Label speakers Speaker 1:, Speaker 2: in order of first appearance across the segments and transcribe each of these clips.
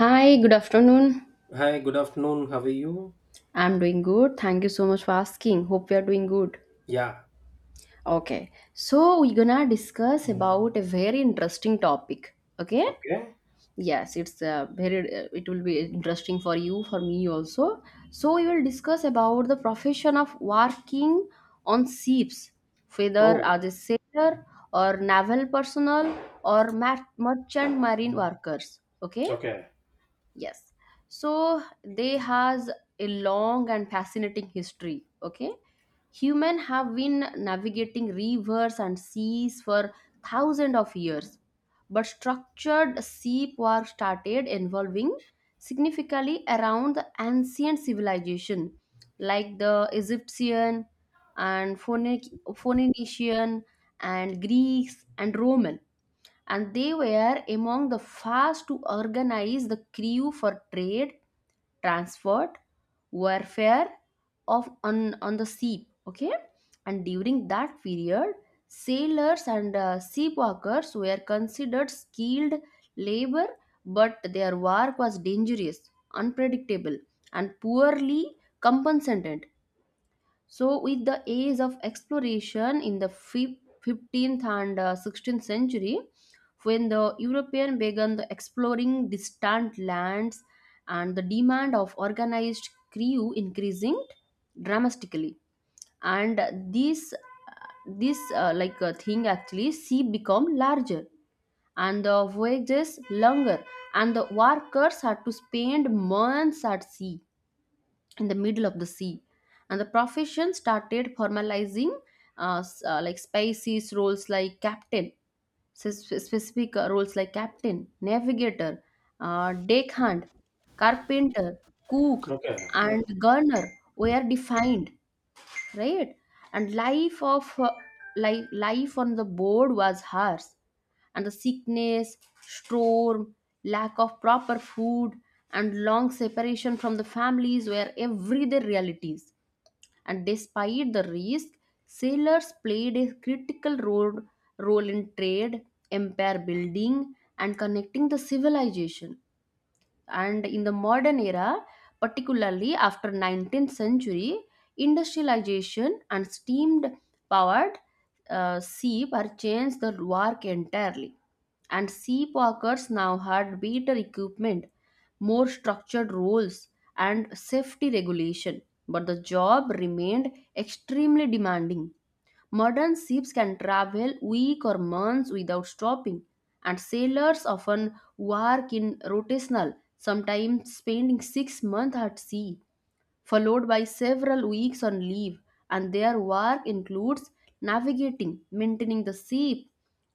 Speaker 1: Hi, good afternoon.
Speaker 2: Hi, good afternoon. How are you?
Speaker 1: I'm doing good. Thank you so much for asking. Hope we are doing good.
Speaker 2: Yeah.
Speaker 1: Okay. So, we're gonna discuss about a very interesting topic. Okay?
Speaker 2: Okay.
Speaker 1: Yes, it's very it will be interesting for you, for me also. So, we will discuss about the profession of working on ships, whether
Speaker 2: Oh,
Speaker 1: as a sailor or naval personnel or merchant marine workers. Okay?
Speaker 2: okay.
Speaker 1: Yes. So they has a long and fascinating history. Okay. Human have been navigating rivers and seas for thousands of years. But structured sea war started involving significantly around the ancient civilization like the Egyptian and Phoenician and Greeks and Roman, and they were among the first to organize the crew for trade, transport, warfare on the sea. Okay, and during that period, sailors and sea workers were considered skilled labor, but their work was dangerous, unpredictable, and poorly compensated. So, with the age of exploration in the 15th and 16th century, when the European began the exploring distant lands and the demand of organized crew increasing dramatically, and this this like thing, actually sea become larger and the voyages longer, and the workers had to spend months at sea in the middle of the sea, and the profession started formalizing like species roles like captain, specific roles like captain, navigator, deckhand, carpenter, cook,
Speaker 2: Okay.
Speaker 1: and gunner were defined, right? And life of life on the board was harsh, and the sickness, storm, lack of proper food, and long separation from the families were everyday realities. And despite the risk, sailors played a critical role in trade, empire building, and connecting the civilization. And in the modern era, particularly after 19th century industrialization and steamed powered sea changed the work entirely, and sea walkers now had better equipment, more structured roles, and safety regulation, but the job remained extremely demanding. Modern ships can travel weeks or months without stopping, and sailors often work in rotational, sometimes spending 6 months at sea, followed by several weeks on leave, and their work includes navigating, maintaining the ship,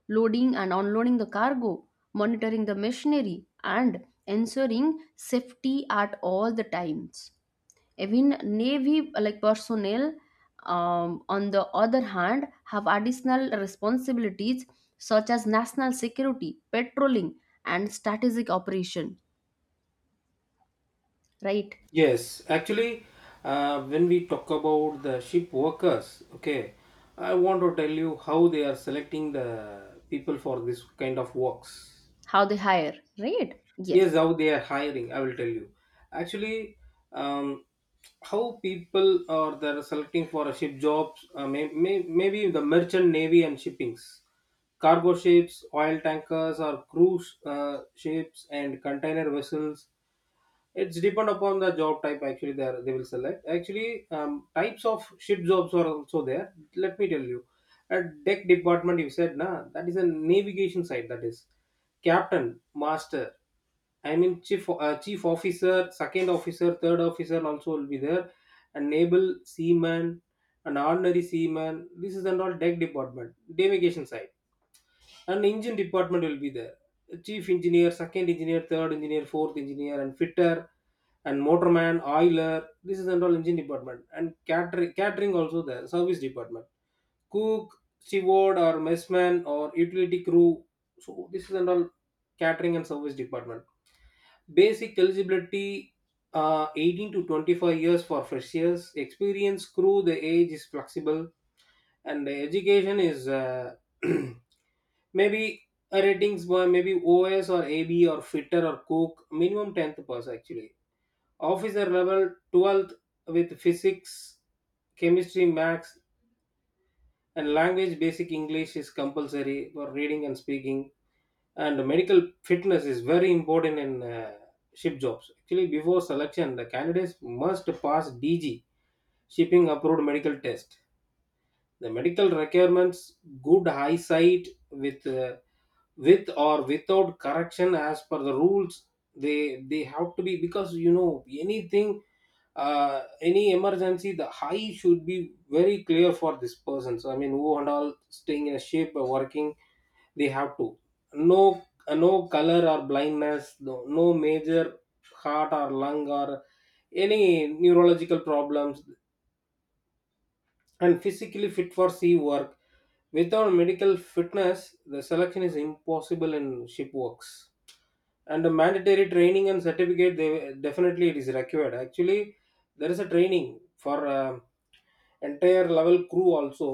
Speaker 1: loading and unloading the cargo, monitoring the machinery, and ensuring safety at all the times. Even Navy like personnel, on the other hand, have additional responsibilities such as national security, patrolling, and strategic operation. Right?
Speaker 2: Yes, actually, when we talk about the ship workers, okay, I want to tell you how they are selecting the people for this kind of works.
Speaker 1: How they hire? Right?
Speaker 2: Yes,
Speaker 1: Yes.
Speaker 2: how they are hiring, I will tell you. Actually, um, how people are they're selecting for a ship jobs, maybe the merchant navy and shippings, cargo ships, oil tankers, or cruise ships and container vessels, it's depend upon the job type actually they will select. Actually, types of ship jobs are also there. Let me tell you, a deck department you said nah, that is a navigation side, that is captain, master. I mean chief officer, second officer, third officer also will be there. A naval seaman, an ordinary seaman. This is and all deck department, navigation side. An engine department will be there. Chief engineer, second engineer, third engineer, fourth engineer, and fitter and motorman, oiler. This is and all engine department, and catering, catering also there, service department, cook, steward or messman or utility crew. So this is and all catering and service department. Basic eligibility. 18 to 25 years for freshers, experience crew the age is flexible, and the education is maybe a ratings by maybe os or ab or fitter or cook, minimum 10th pass actually, officer level 12th with physics, chemistry, maths, and language basic english is compulsory for reading and speaking. And medical fitness is very important in ship jobs actually. Before selection, the candidates must pass dg shipping approved medical test. The medical requirements, good eyesight with uh, with or without correction as per the rules, they have to be. Because you know anything, any emergency, the high should be very clear for this person. So I mean who and all staying in a shape or working, they have to, no no color or blindness, no, no major heart or lung or any neurological problems, and physically fit for sea work. Without medical fitness, the selection is impossible in ship works. And the mandatory training and certificate, they definitely it is required actually. There is a training for entire level crew also.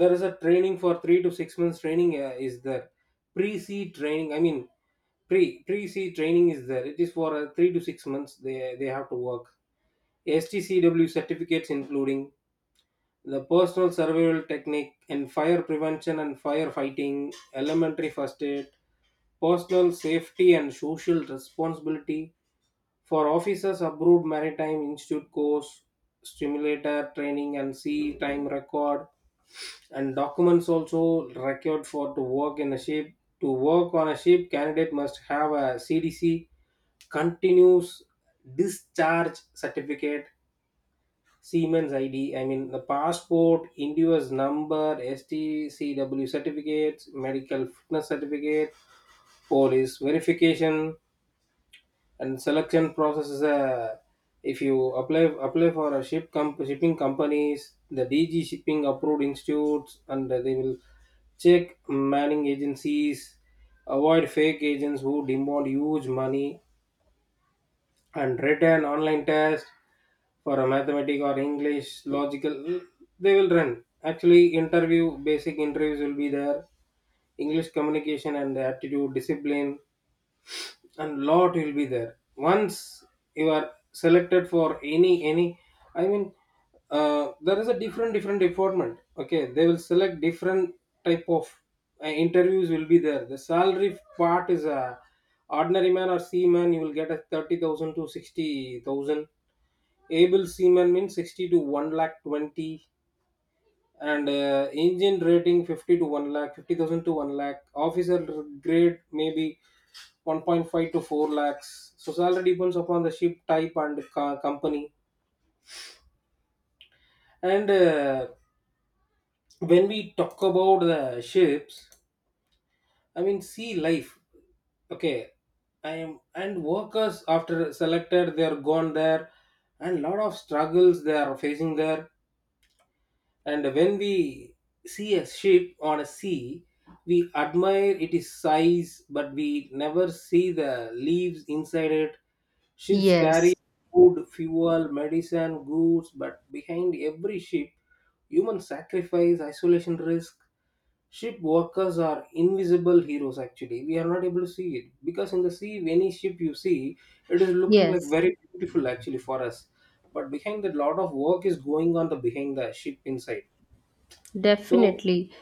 Speaker 2: There is a training for 3 to 6 months training is there. Pre c training, I mean, pre c training is there. It is for 3 to 6 months they have to work. Stcw certificates including the personal survival technique and fire prevention and firefighting, elementary first aid, personal safety and social responsibility. For officers, approved Maritime Institute course, stimulator training, and sea time record and documents also required for to work in a ship. To work on a ship, candidate must have a CDC continuous discharge certificate, Siemens ID. I mean the passport, India's number, STCW certificates, medical fitness certificate, police verification. And selection process is a, if you apply for a ship comp shipping companies, the dg shipping approved institutes, and they will check manning agencies, avoid fake agents who demand huge money. And written online test for a mathematic or english logical they will run actually. Interview, basic interviews will be there, english communication and aptitude discipline, and lot will be there. Once you are selected for any I mean, there is a different different department, okay, they will select different type of interviews will be there. The salary part is a, ordinary man or seaman you will get a 30,000 to 60,000, able seaman means 60 to 1 lakh 20, and engine rating 50 to 1 lakh 50,000 to 1 lakh, officer grade maybe 1.5 to 4 lakhs. So salary depends upon the ship type and company. And when we talk about the ships, I mean sea life, okay, I am and workers after selected, they are gone there, and lot of struggles they are facing there. And when we see a ship on a sea, we admire its size, but we never see the leaves inside it. Ships carry
Speaker 1: Yes.
Speaker 2: food, fuel, medicine, goods, but behind every ship, human sacrifice, isolation risk. Ship workers are invisible heroes actually. We are not able to see it because in the sea, any ship you see, it is looking like
Speaker 1: Yes.
Speaker 2: very beautiful actually for us. But behind that, lot of work is going on the behind the ship inside so,
Speaker 1: Definitely.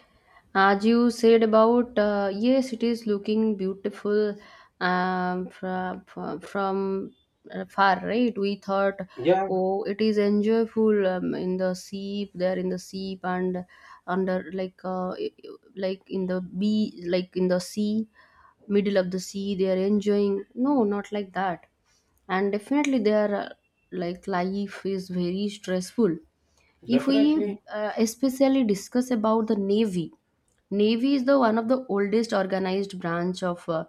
Speaker 1: As you said about, yes, it is looking beautiful, from, from far, right? We thought,
Speaker 2: yeah,
Speaker 1: oh, it is enjoyable, in the sea, there in the sea, and under like in the bee, like in the sea, middle of the sea, they are enjoying. No, not like that. And definitely, their like life is very stressful if we
Speaker 2: definitely.
Speaker 1: especially discuss about the navy. Navy is the one of the oldest organized branch of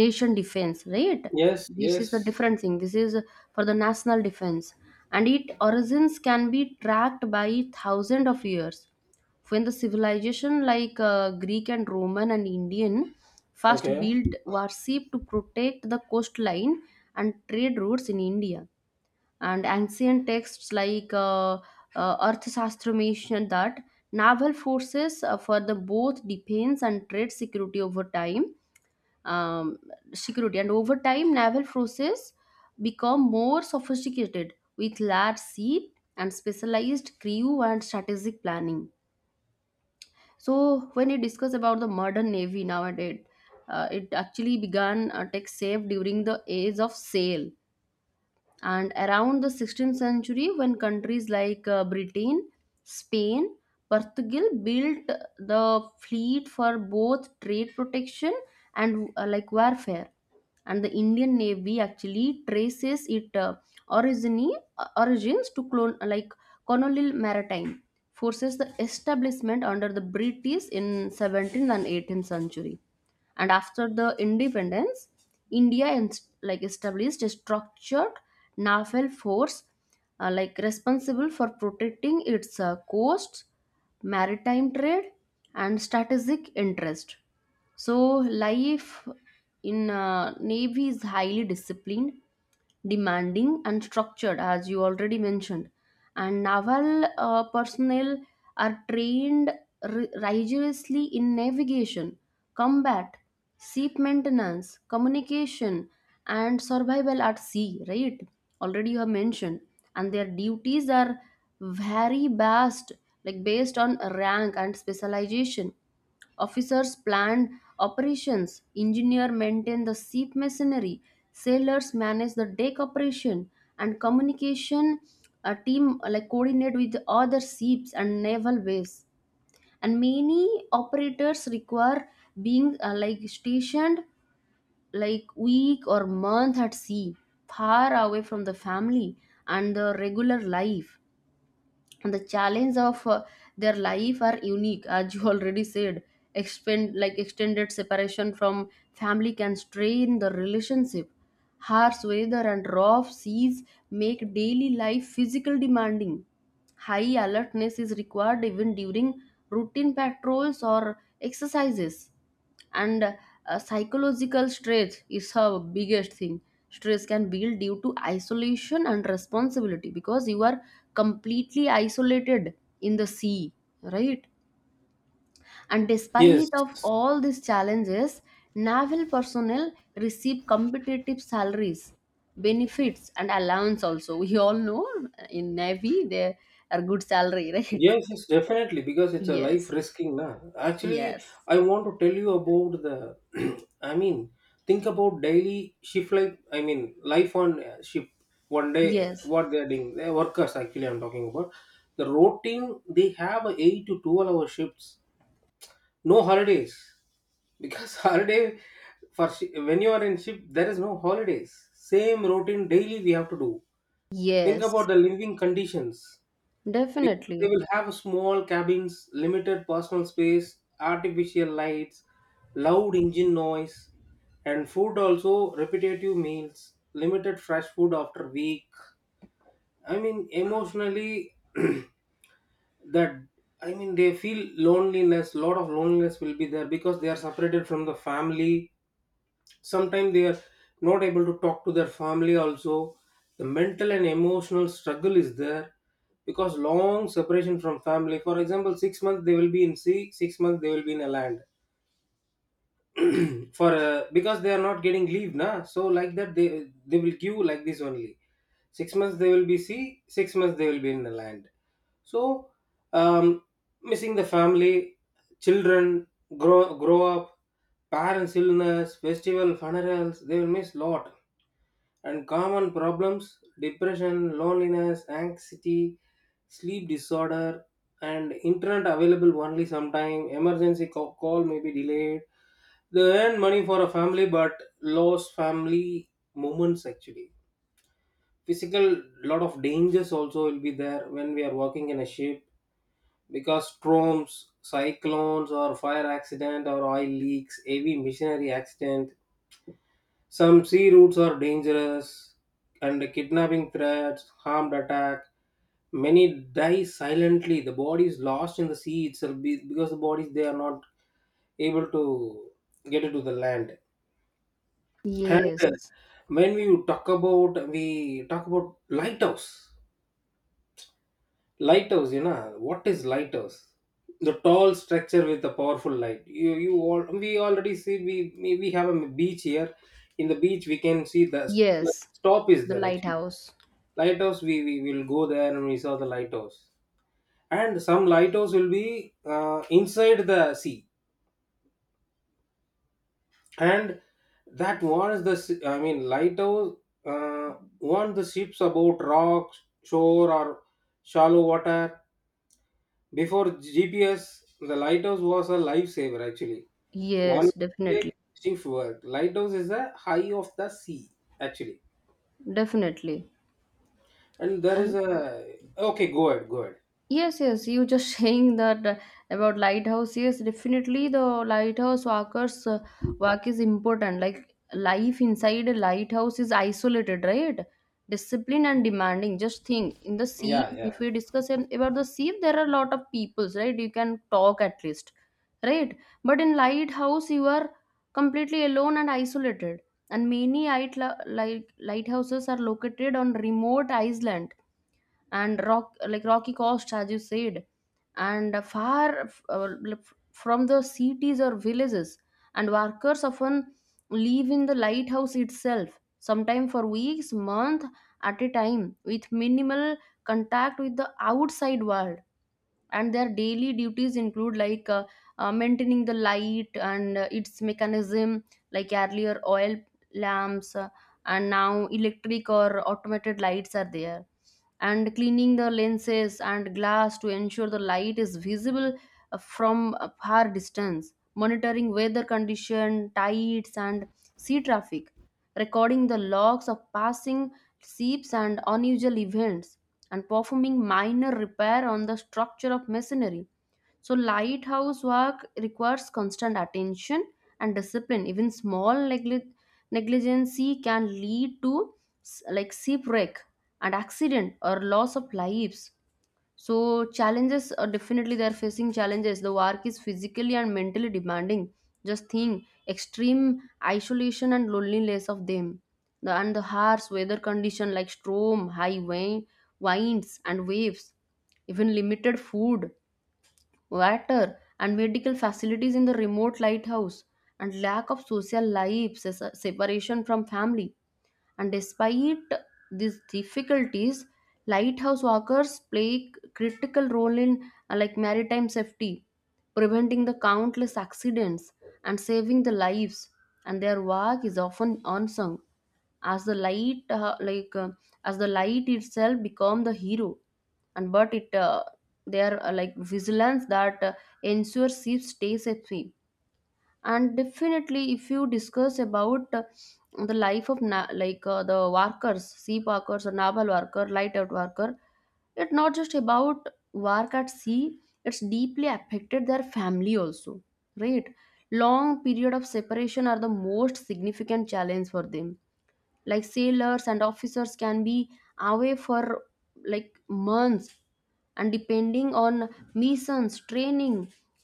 Speaker 1: nation defense, right?
Speaker 2: Yes,
Speaker 1: This is the
Speaker 2: yes.
Speaker 1: different thing. This is for the national defense, and its origins can be tracked by thousands of years when the civilization like Greek and Roman and Indian first
Speaker 2: Okay.
Speaker 1: built warship to protect the coastline and trade routes in India. And ancient texts like Arthashastra mention that naval forces further both defense and trade security over time. Um, Security and over time, naval forces become more sophisticated with large sea and specialized crew and strategic planning. So, when you discuss about the modern navy nowadays, it actually began tech safe during the age of sail and around the 16th century when countries like Britain, Spain, Portugal built the fleet for both trade protection and like warfare. And the Indian navy actually traces its origins to clone like colonial maritime forces, the establishment under the British in 17th and 18th century. And after the independence, India like established a structured naval force, like responsible for protecting its coasts, maritime trade, and strategic interest. So life in navy is highly disciplined, demanding, and structured, as you already mentioned. And naval personnel are trained rigorously in navigation, combat, ship maintenance, communication, and survival at sea, right? Already you have mentioned. And their duties are very vast, like based on rank and specialization. Officers plan operations, engineer maintain the ship machinery, sailors manage the deck operation, and communication a team like coordinate with other ships and naval base, and many operators require being like stationed like week or month at sea far away from the family and the regular life. And the challenge of their life are unique, as you already said. Expend Like extended separation from family can strain the relationship. Harsh weather and rough seas make daily life physical demanding. High alertness is required even during routine patrols or exercises, and psychological stress is her biggest thing. Stress can build due to isolation and responsibility because you are completely isolated in the sea, right? And
Speaker 2: Yes,
Speaker 1: despite of all these challenges, naval personnel receive competitive salaries, benefits, and allowance also. We all know, in navy they are good salary, right?
Speaker 2: yes, yes, definitely, because it's a life
Speaker 1: Yes.
Speaker 2: risking now. Actually,
Speaker 1: Yes.
Speaker 2: I want to tell you about the, I mean, think about daily shift like, I mean, life on shift. One day,
Speaker 1: Yes.
Speaker 2: what they're doing, the workers actually, I'm talking about the routine. They have a 8 to 12 hour shifts, no holidays, because holiday for when you are in ship there is no holidays, same routine daily we have to do. Think
Speaker 1: Yes,
Speaker 2: about the living conditions because they
Speaker 1: definitely.
Speaker 2: will have small cabins, limited personal space, artificial lights, loud engine noise. And food also, repetitive meals, limited fresh food after week. I mean emotionally, that I mean they feel loneliness, lot of loneliness will be there because they are separated from the family. Sometimes they are not able to talk to their family also. The mental and emotional struggle is there because long separation from family. For example, 6 months they will be in sea, 6 months they will be in a land for because they are not getting leave na, so like that they will give like this only, 6 months they will be sea, 6 months they will be in the land. So um, missing the family, children grow up, parents illness, festival, funerals they will miss lot. And common problems, depression, loneliness, anxiety, sleep disorder. And internet available only sometime, emergency call may be delayed. They earn money for a family but lost family moments actually. Physical lot of dangers also will be there when we are working in a ship, because storms, cyclones or fire accident or oil leaks, heavy machinery accident. Some sea routes are dangerous, and kidnapping threats, harmed attack. Many die silently. The body is lost in the sea itself because the bodies they are not able to get it to the land. And
Speaker 1: Yes,
Speaker 2: when we talk about lighthouse, lighthouse, you know what is lighthouse? The tall structure with a powerful light. You all we already see, we have a beach here. In the beach we can see the
Speaker 1: yes,
Speaker 2: stop is
Speaker 1: the
Speaker 2: there actually.
Speaker 1: lighthouse.
Speaker 2: Lighthouse, we will go there and we saw the lighthouse. And some lighthouse will be inside the sea. And that warns the I mean lighthouse uh, warn the ships about rocks, shore or shallow water. Before gps, the lighthouse was a lifesaver actually. One
Speaker 1: Yes,
Speaker 2: mistake,
Speaker 1: definitely,
Speaker 2: shift work, lighthouse is the high of the sea actually.
Speaker 1: definitely.
Speaker 2: And there is
Speaker 1: And
Speaker 2: a, okay, go ahead, go ahead.
Speaker 1: yes, yes, you just saying that, about lighthouse. Yes, definitely the lighthouse workers work is important. Like life inside a lighthouse is isolated, right? Discipline and demanding. Just think in the sea.
Speaker 2: Yeah, yeah,
Speaker 1: If we discuss about the sea, there are a lot of peoples, right? You can talk at least, right? But in lighthouse, you are completely alone and isolated. And many light like lighthouses are located on remote island and rock like rocky coast, as you said, and far from the cities or villages. And workers often live in the lighthouse itself, sometimes for weeks, months at a time, with minimal contact with the outside world. And their daily duties include like maintaining the light and its mechanism, like earlier oil lamps and now electric or automated lights are there, and cleaning the lenses and glass to ensure the light is visible from a far distance, monitoring weather condition, tides, and sea traffic, recording the logs of passing ships and unusual events, and performing minor repair on the structure of masonry. So, lighthouse work requires constant attention and discipline. Even small negligence can lead to like shipwreck and accident or loss of lives. So challenges are, definitely they are facing challenges. The work is physically and mentally demanding. Just think extreme isolation and loneliness of them. The and the harsh weather condition like storm, high wind, winds and waves, even limited food, water, and medical facilities in the remote lighthouse, and lack of social life, separation from family. And despite these difficulties, lighthouse workers play a critical role in like maritime safety, preventing the countless accidents and saving the lives. And their work is often unsung, as the light like as the light itself become the hero, and but it they like vigilance that ensures ships stay safe. And definitely, if you discuss about the life of like the workers, sea workers, or naval worker, light out worker, it's not just about work at sea, it's deeply affected their family also, right? Long period of separation are the most significant challenge for them, like sailors and officers can be away for like months, and depending on missions, training,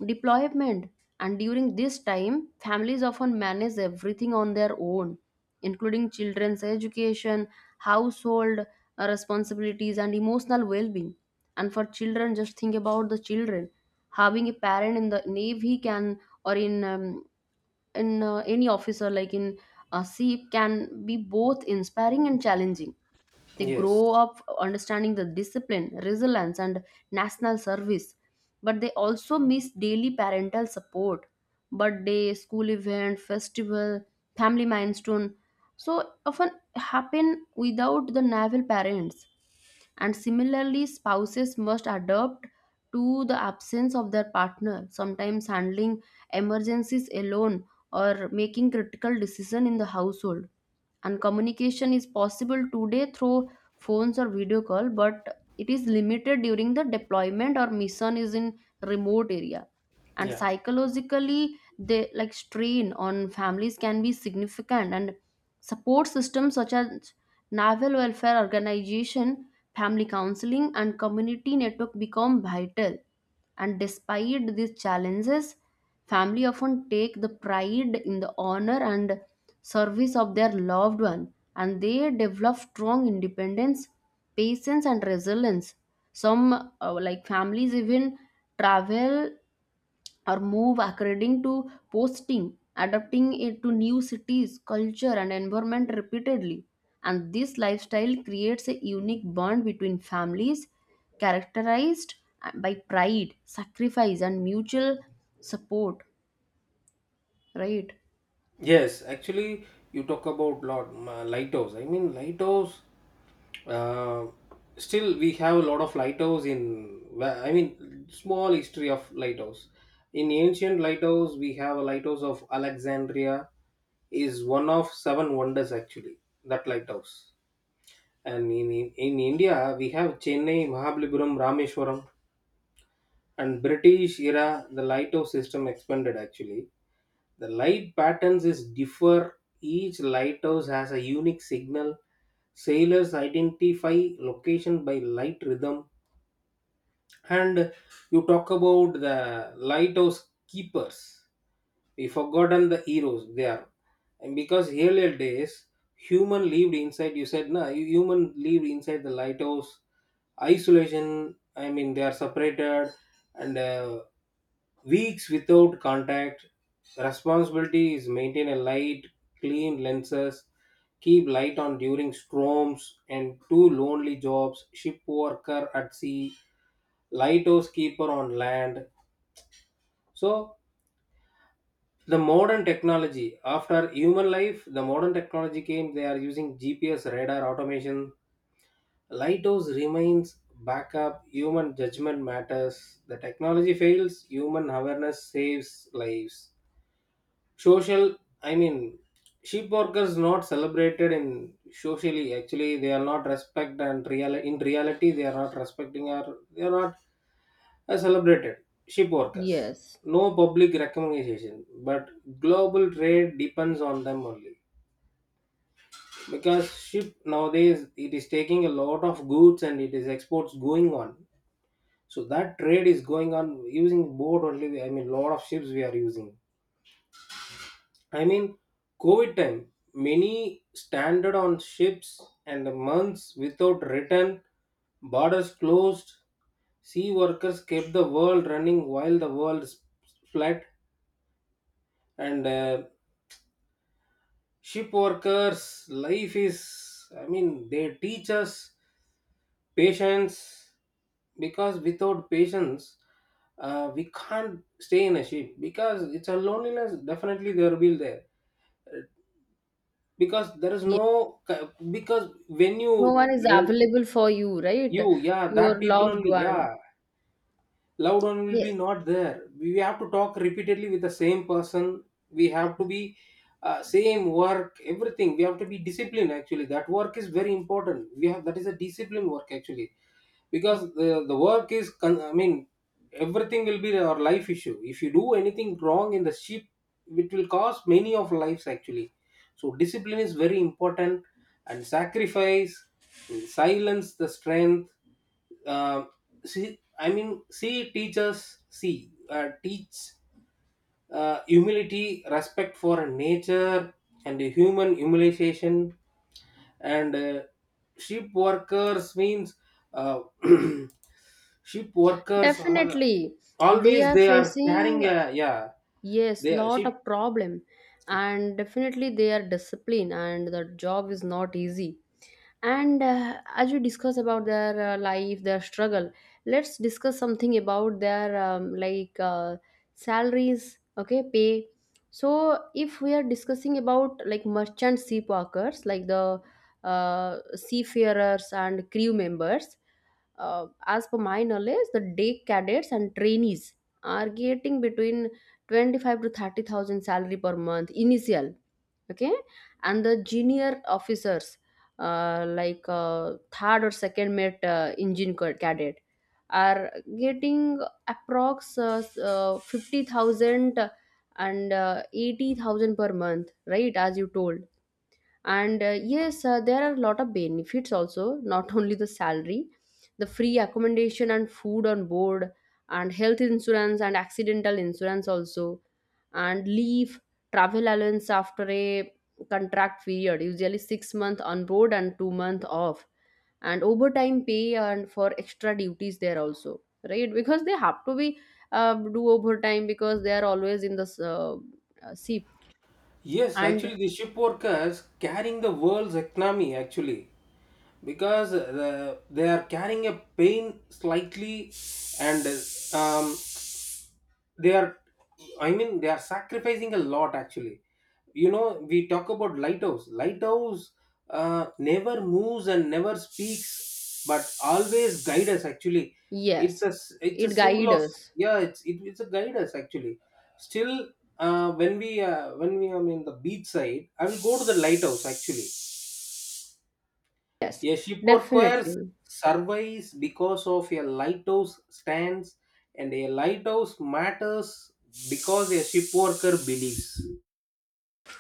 Speaker 1: deployment. And during this time, families often manage everything on their own, including children's education, household responsibilities, and emotional well-being. And for children, just think about the children having a parent in the navy, can or in any officer like in a SEEP, can be both inspiring and challenging. They
Speaker 2: yes,
Speaker 1: grow up understanding the discipline, resilience, and national service, but they also miss daily parental support, birthday, school event, festival, family milestone. So often happen without the naval parents. And similarly, spouses must adapt to the absence of their partner, sometimes handling emergencies alone or making critical decision in the household. And communication is possible today through phones or video call, but it is limited during the deployment or mission is in remote area. And
Speaker 2: yeah.
Speaker 1: psychologically, the like strain on families can be significant, and support systems such as naval welfare organization, family counseling, and community network become vital. And despite these challenges, family often take the pride in the honor and service of their loved one, and they develop strong independence, patience, and resilience. Some like families even travel or move according to posting, adapting it to new cities, culture, and environment repeatedly. And this lifestyle creates a unique bond between families, characterized by pride, sacrifice, and mutual support, right?
Speaker 2: Yes, actually, you talk about lot lighthouse. I mean, lighthouse. Uh, still, we have a lot of lighthouse in. I mean, small history of lighthouse. In ancient lighthouse, we have a lighthouse of Alexandria. Is one of seven wonders actually. That lighthouse. And in India, we have Chennai, Mahabalipuram, Rameshwaram, and British era. The lighthouse system expanded actually. The light patterns is differ. Each lighthouse has a unique signal. Sailors identify location by light rhythm. And you talk about the lighthouse keepers. We forgotten the heroes there. And because earlier days, human lived inside. You said no, human lived inside the lighthouse. Isolation. I mean, they are separated and weeks without contact. Responsibility is maintain a light, clean lenses, keep light on during storms. And two lonely jobs, ship worker at sea, lighthouse keeper on land. So the modern technology after human life, the modern technology came. They are using GPS, radar, automation. Lighthouse remains backup. Human judgment matters. The technology fails, human awareness saves lives. Social, I mean, sheep workers not celebrated in socially actually, they are not respect and real. In reality, they are not respecting or they are not as celebrated. Sheep workers,
Speaker 1: Yes,
Speaker 2: no public recognition, but global trade depends on them only. Because ship nowadays it is taking a lot of goods and it is exports going on. So that trade is going on using boat only, I mean lot of ships we are using. I mean, COVID time, many stranded on ships and months without return, borders closed, sea workers kept the world running while the world flat. And ship workers' life is, I mean, they teach us patience, because without patience, we can't stay in a ship because it's a loneliness, definitely there will be there. Because there is no, because when you
Speaker 1: no one is
Speaker 2: re-
Speaker 1: available for you, right?
Speaker 2: you, yeah,
Speaker 1: Your
Speaker 2: that people
Speaker 1: loved
Speaker 2: only,
Speaker 1: one.
Speaker 2: yeah. Loved one will be
Speaker 1: Yes.
Speaker 2: not there, we have to talk repeatedly with the same person, we have to be same work everything we have to be disciplined actually. That work is very important, we have that is a discipline work actually. Because the work is I mean everything will be our life issue. If you do anything wrong in the ship, it will cost many of lives actually. So discipline is very important, and sacrifice, and silence the strength. uh, si, I mean, see, teachers, see, teach humility, respect for nature, and human humiliation. And ship workers means uh, ship workers are
Speaker 1: Definitely, they
Speaker 2: always
Speaker 1: are
Speaker 2: they are
Speaker 1: facing.
Speaker 2: carrying a, yeah,
Speaker 1: Yes,
Speaker 2: they are
Speaker 1: lot
Speaker 2: ship.
Speaker 1: of problem, and definitely they are disciplined, and the job is not easy. And as we discuss about their life, their struggle, let's discuss something about their like salaries, okay, pay. So if we are discussing about like merchant sea workers, like the seafarers and crew members, as per my knowledge, the day cadets and trainees are getting between 25 to 30,000 salary per month initial, okay? And the junior officers, like third or second mate, engine cadet, are getting approx 50,000 and 80,000 per month, right, as you told. And yes, there are a lot of benefits also, not only the salary: the free accommodation and food on board, and health insurance and accidental insurance also, and leave travel allowance after a contract period, usually 6 month on board and 2-month off, and overtime pay and for extra duties there also, right? Because they have to be do overtime, because they are always in the ship.
Speaker 2: Yes,
Speaker 1: And
Speaker 2: actually, the ship workers carrying the world's economy actually. Because they are carrying a pain slightly. And um, they are, I mean they are sacrificing a lot actually. You know, we talk about lighthouse, lighthouse never moves and never speaks but always guide us actually. It's
Speaker 1: yes,
Speaker 2: a it's a
Speaker 1: it
Speaker 2: symbol
Speaker 1: guides
Speaker 2: of,
Speaker 1: us.
Speaker 2: yeah, it's a guide us actually. Still, when we are in the beach side, I will go to the lighthouse actually.
Speaker 1: Yes,
Speaker 2: A ship or choir
Speaker 1: definitely.
Speaker 2: survives because of a lighthouse stands, and a lighthouse matters because a ship worker believes.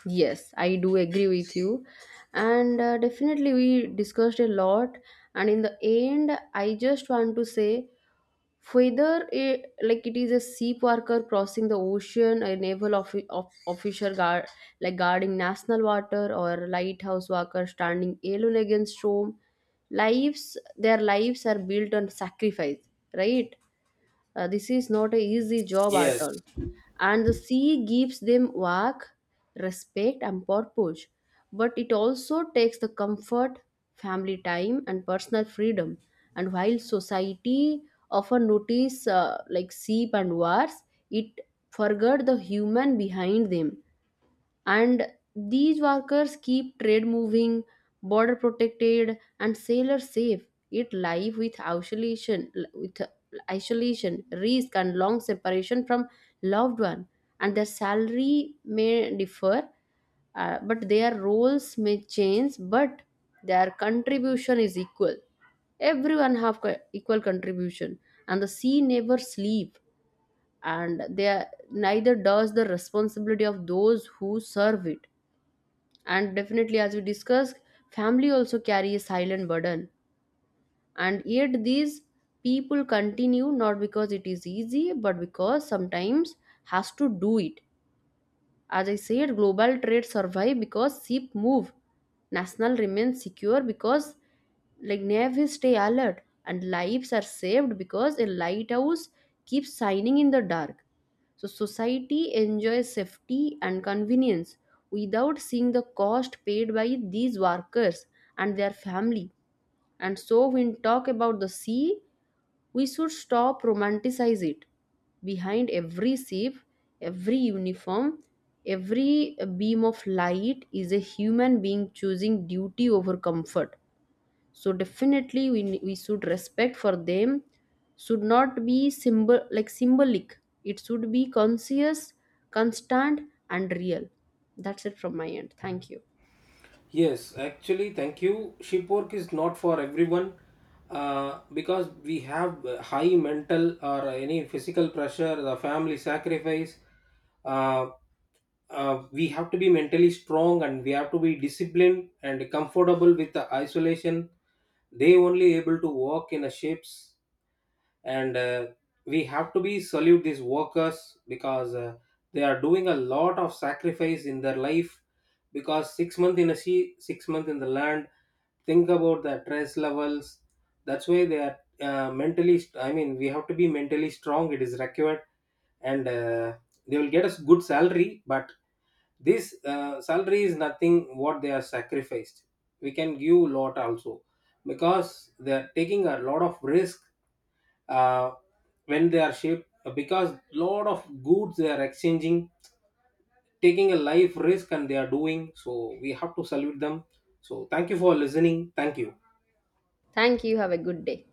Speaker 1: Yes, I do agree with you. And definitely, we discussed a lot. And in the end, I just want to say, whether it, like it is a sea worker crossing the ocean, a naval officer guard, like guarding national water, or lighthouse worker standing alone against storm, their lives are built on sacrifice, right? This is not an easy job at
Speaker 2: Yes,
Speaker 1: all. And the sea gives them work, respect, and purpose. But it also takes the comfort, family time, and personal freedom. And while society often notice like sheep and wars, it forgot the human behind them, and these workers keep trade moving, border protected, and sailors safe, it life with isolation risk and long separation from loved one. And their salary may differ, but their roles may change, but their contribution is equal, everyone have equal contribution. And the sea never sleep, and they are, neither does the responsibility of those who serve it. And definitely, as we discussed, family also carry a silent burden, and yet these people continue, not because it is easy, but because sometimes has to do it. As I said, global trade survive because ship move. National remains secure because like navies stay alert, and lives are saved because a lighthouse keeps shining in the dark. So society enjoys safety and convenience without seeing the cost paid by these workers and their family. And so when talk about the sea, we should stop romanticize it. Behind every shape, every uniform, every beam of light is a human being choosing duty over comfort. So definitely we should respect for them, should not be symbol like symbolic. It should be conscious, constant, and real. That's it from my end. Thank you.
Speaker 2: yes, actually, thank you. Ship work is not for everyone, because we have high mental or any physical pressure, the family sacrifice. Uh, we have to be mentally strong and we have to be disciplined and comfortable with the isolation, they only able to work in the ships. And we have to be salute these workers because they are doing a lot of sacrifice in their life. Because 6 month in a sea, 6 month in the land, think about the stress levels. That's why they are I mean we have to be mentally strong, it is required. And they will get a good salary, but this salary is nothing what they are sacrificed. We can give lot also because they are taking a lot of risk. uh, when they are shipped, because lot of goods they are exchanging, taking a life risk, and they are doing so we have to salute them. So thank you for listening, thank you.
Speaker 1: Thank you. Have a good day.